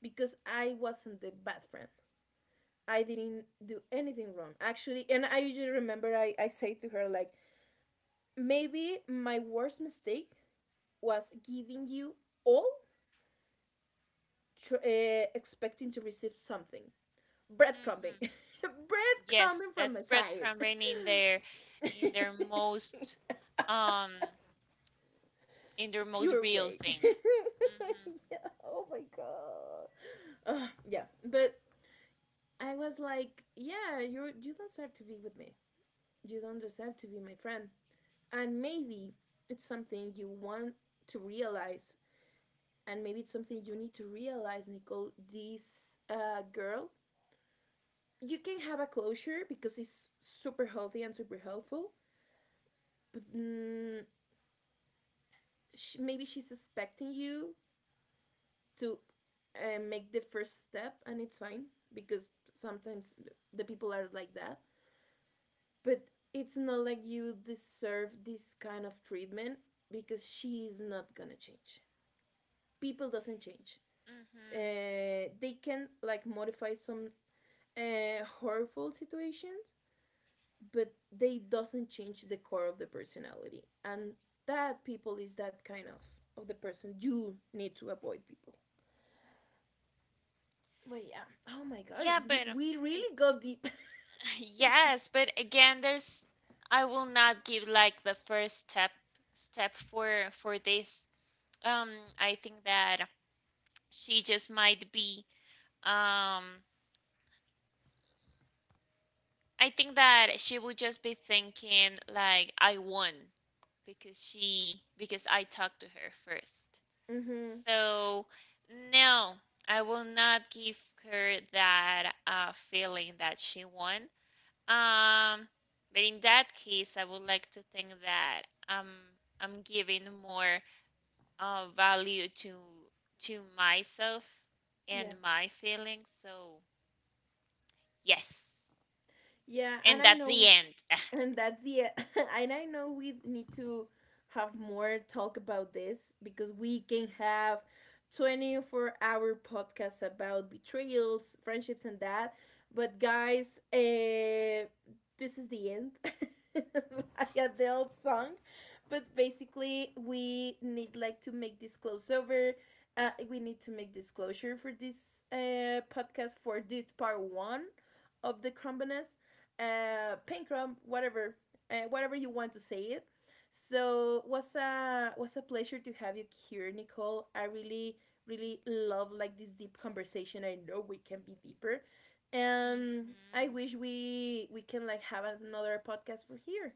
Because I wasn't the bad friend. I didn't do anything wrong, actually. And I usually remember I, I say to her, like, maybe my worst mistake was giving you all tr- uh, expecting to receive something, breadcrumbing.
mm-hmm. Yes,
Breadcrumbing from
that's
my side.
breadcrumbing in their, in their most, um in their most
Pure
real
way.
thing. Mm-hmm.
Yeah, oh my god. Ugh, yeah, but I was like, yeah, you you don't deserve to be with me, you don't deserve to be my friend. And maybe it's something you want to realize, and maybe it's something you need to realize, Nicole. This uh, girl, you can have a closure because it's super healthy and super helpful, but mm, she, maybe she's expecting you to uh, make the first step, and it's fine because sometimes the people are like that. But it's not like you deserve this kind of treatment because she is not gonna change. People doesn't change.
Mm-hmm.
uh, they can like modify some uh, horrible situations but they doesn't change the core of the personality. And that people is that kind of of the person you need to avoid people. But yeah, oh my god,
yeah but uh,
we- really
ag-
got deep.
yes, but again, there's I will not give like the first step, step for for this. Um, I think that she just might be, um, I think that she would just be thinking like I won, because she because I talked to her first.
Mm-hmm.
So no, I will not give her that uh, feeling that she won. Um, but in that case, I would like to think that um I'm giving more uh, value to to myself
Yeah.
and my feelings. So yes,
Yeah, and
and
I
that's the
know,
end.
and that's the, and I know we need to have more talk about this because we can have twenty-four hour podcasts about betrayals, friendships, and that. But guys, uh, this is the end. Like a the old song. But basically, we need like to make this crossover. Uh, we need to make disclosure for this uh, podcast for this part one of the crumbiness, uh, Pankrum, whatever, uh, whatever you want to say it. So was a was a pleasure to have you here, Nicole. I really really love like this deep conversation. I know we can be deeper, and I
Mhm.
wish we we can like have another podcast for here.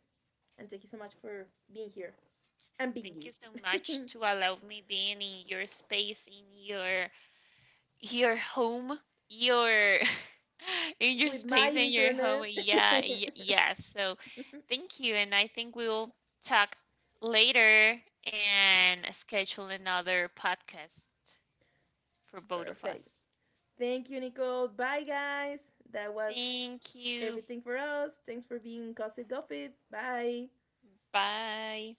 And thank you so much for being here and being
Thank
you
you so much to allow me being in your space, in your your home, your in your
with my
space, in your home.
internet.
Yeah, y yeah. So thank you, and I think we'll talk later and schedule another podcast for both of us.
Perfect. Thank you, Nicole. Bye, guys. That was
Thank you.
everything for us. Thanks for being Gossip Gossip. Bye.
Bye.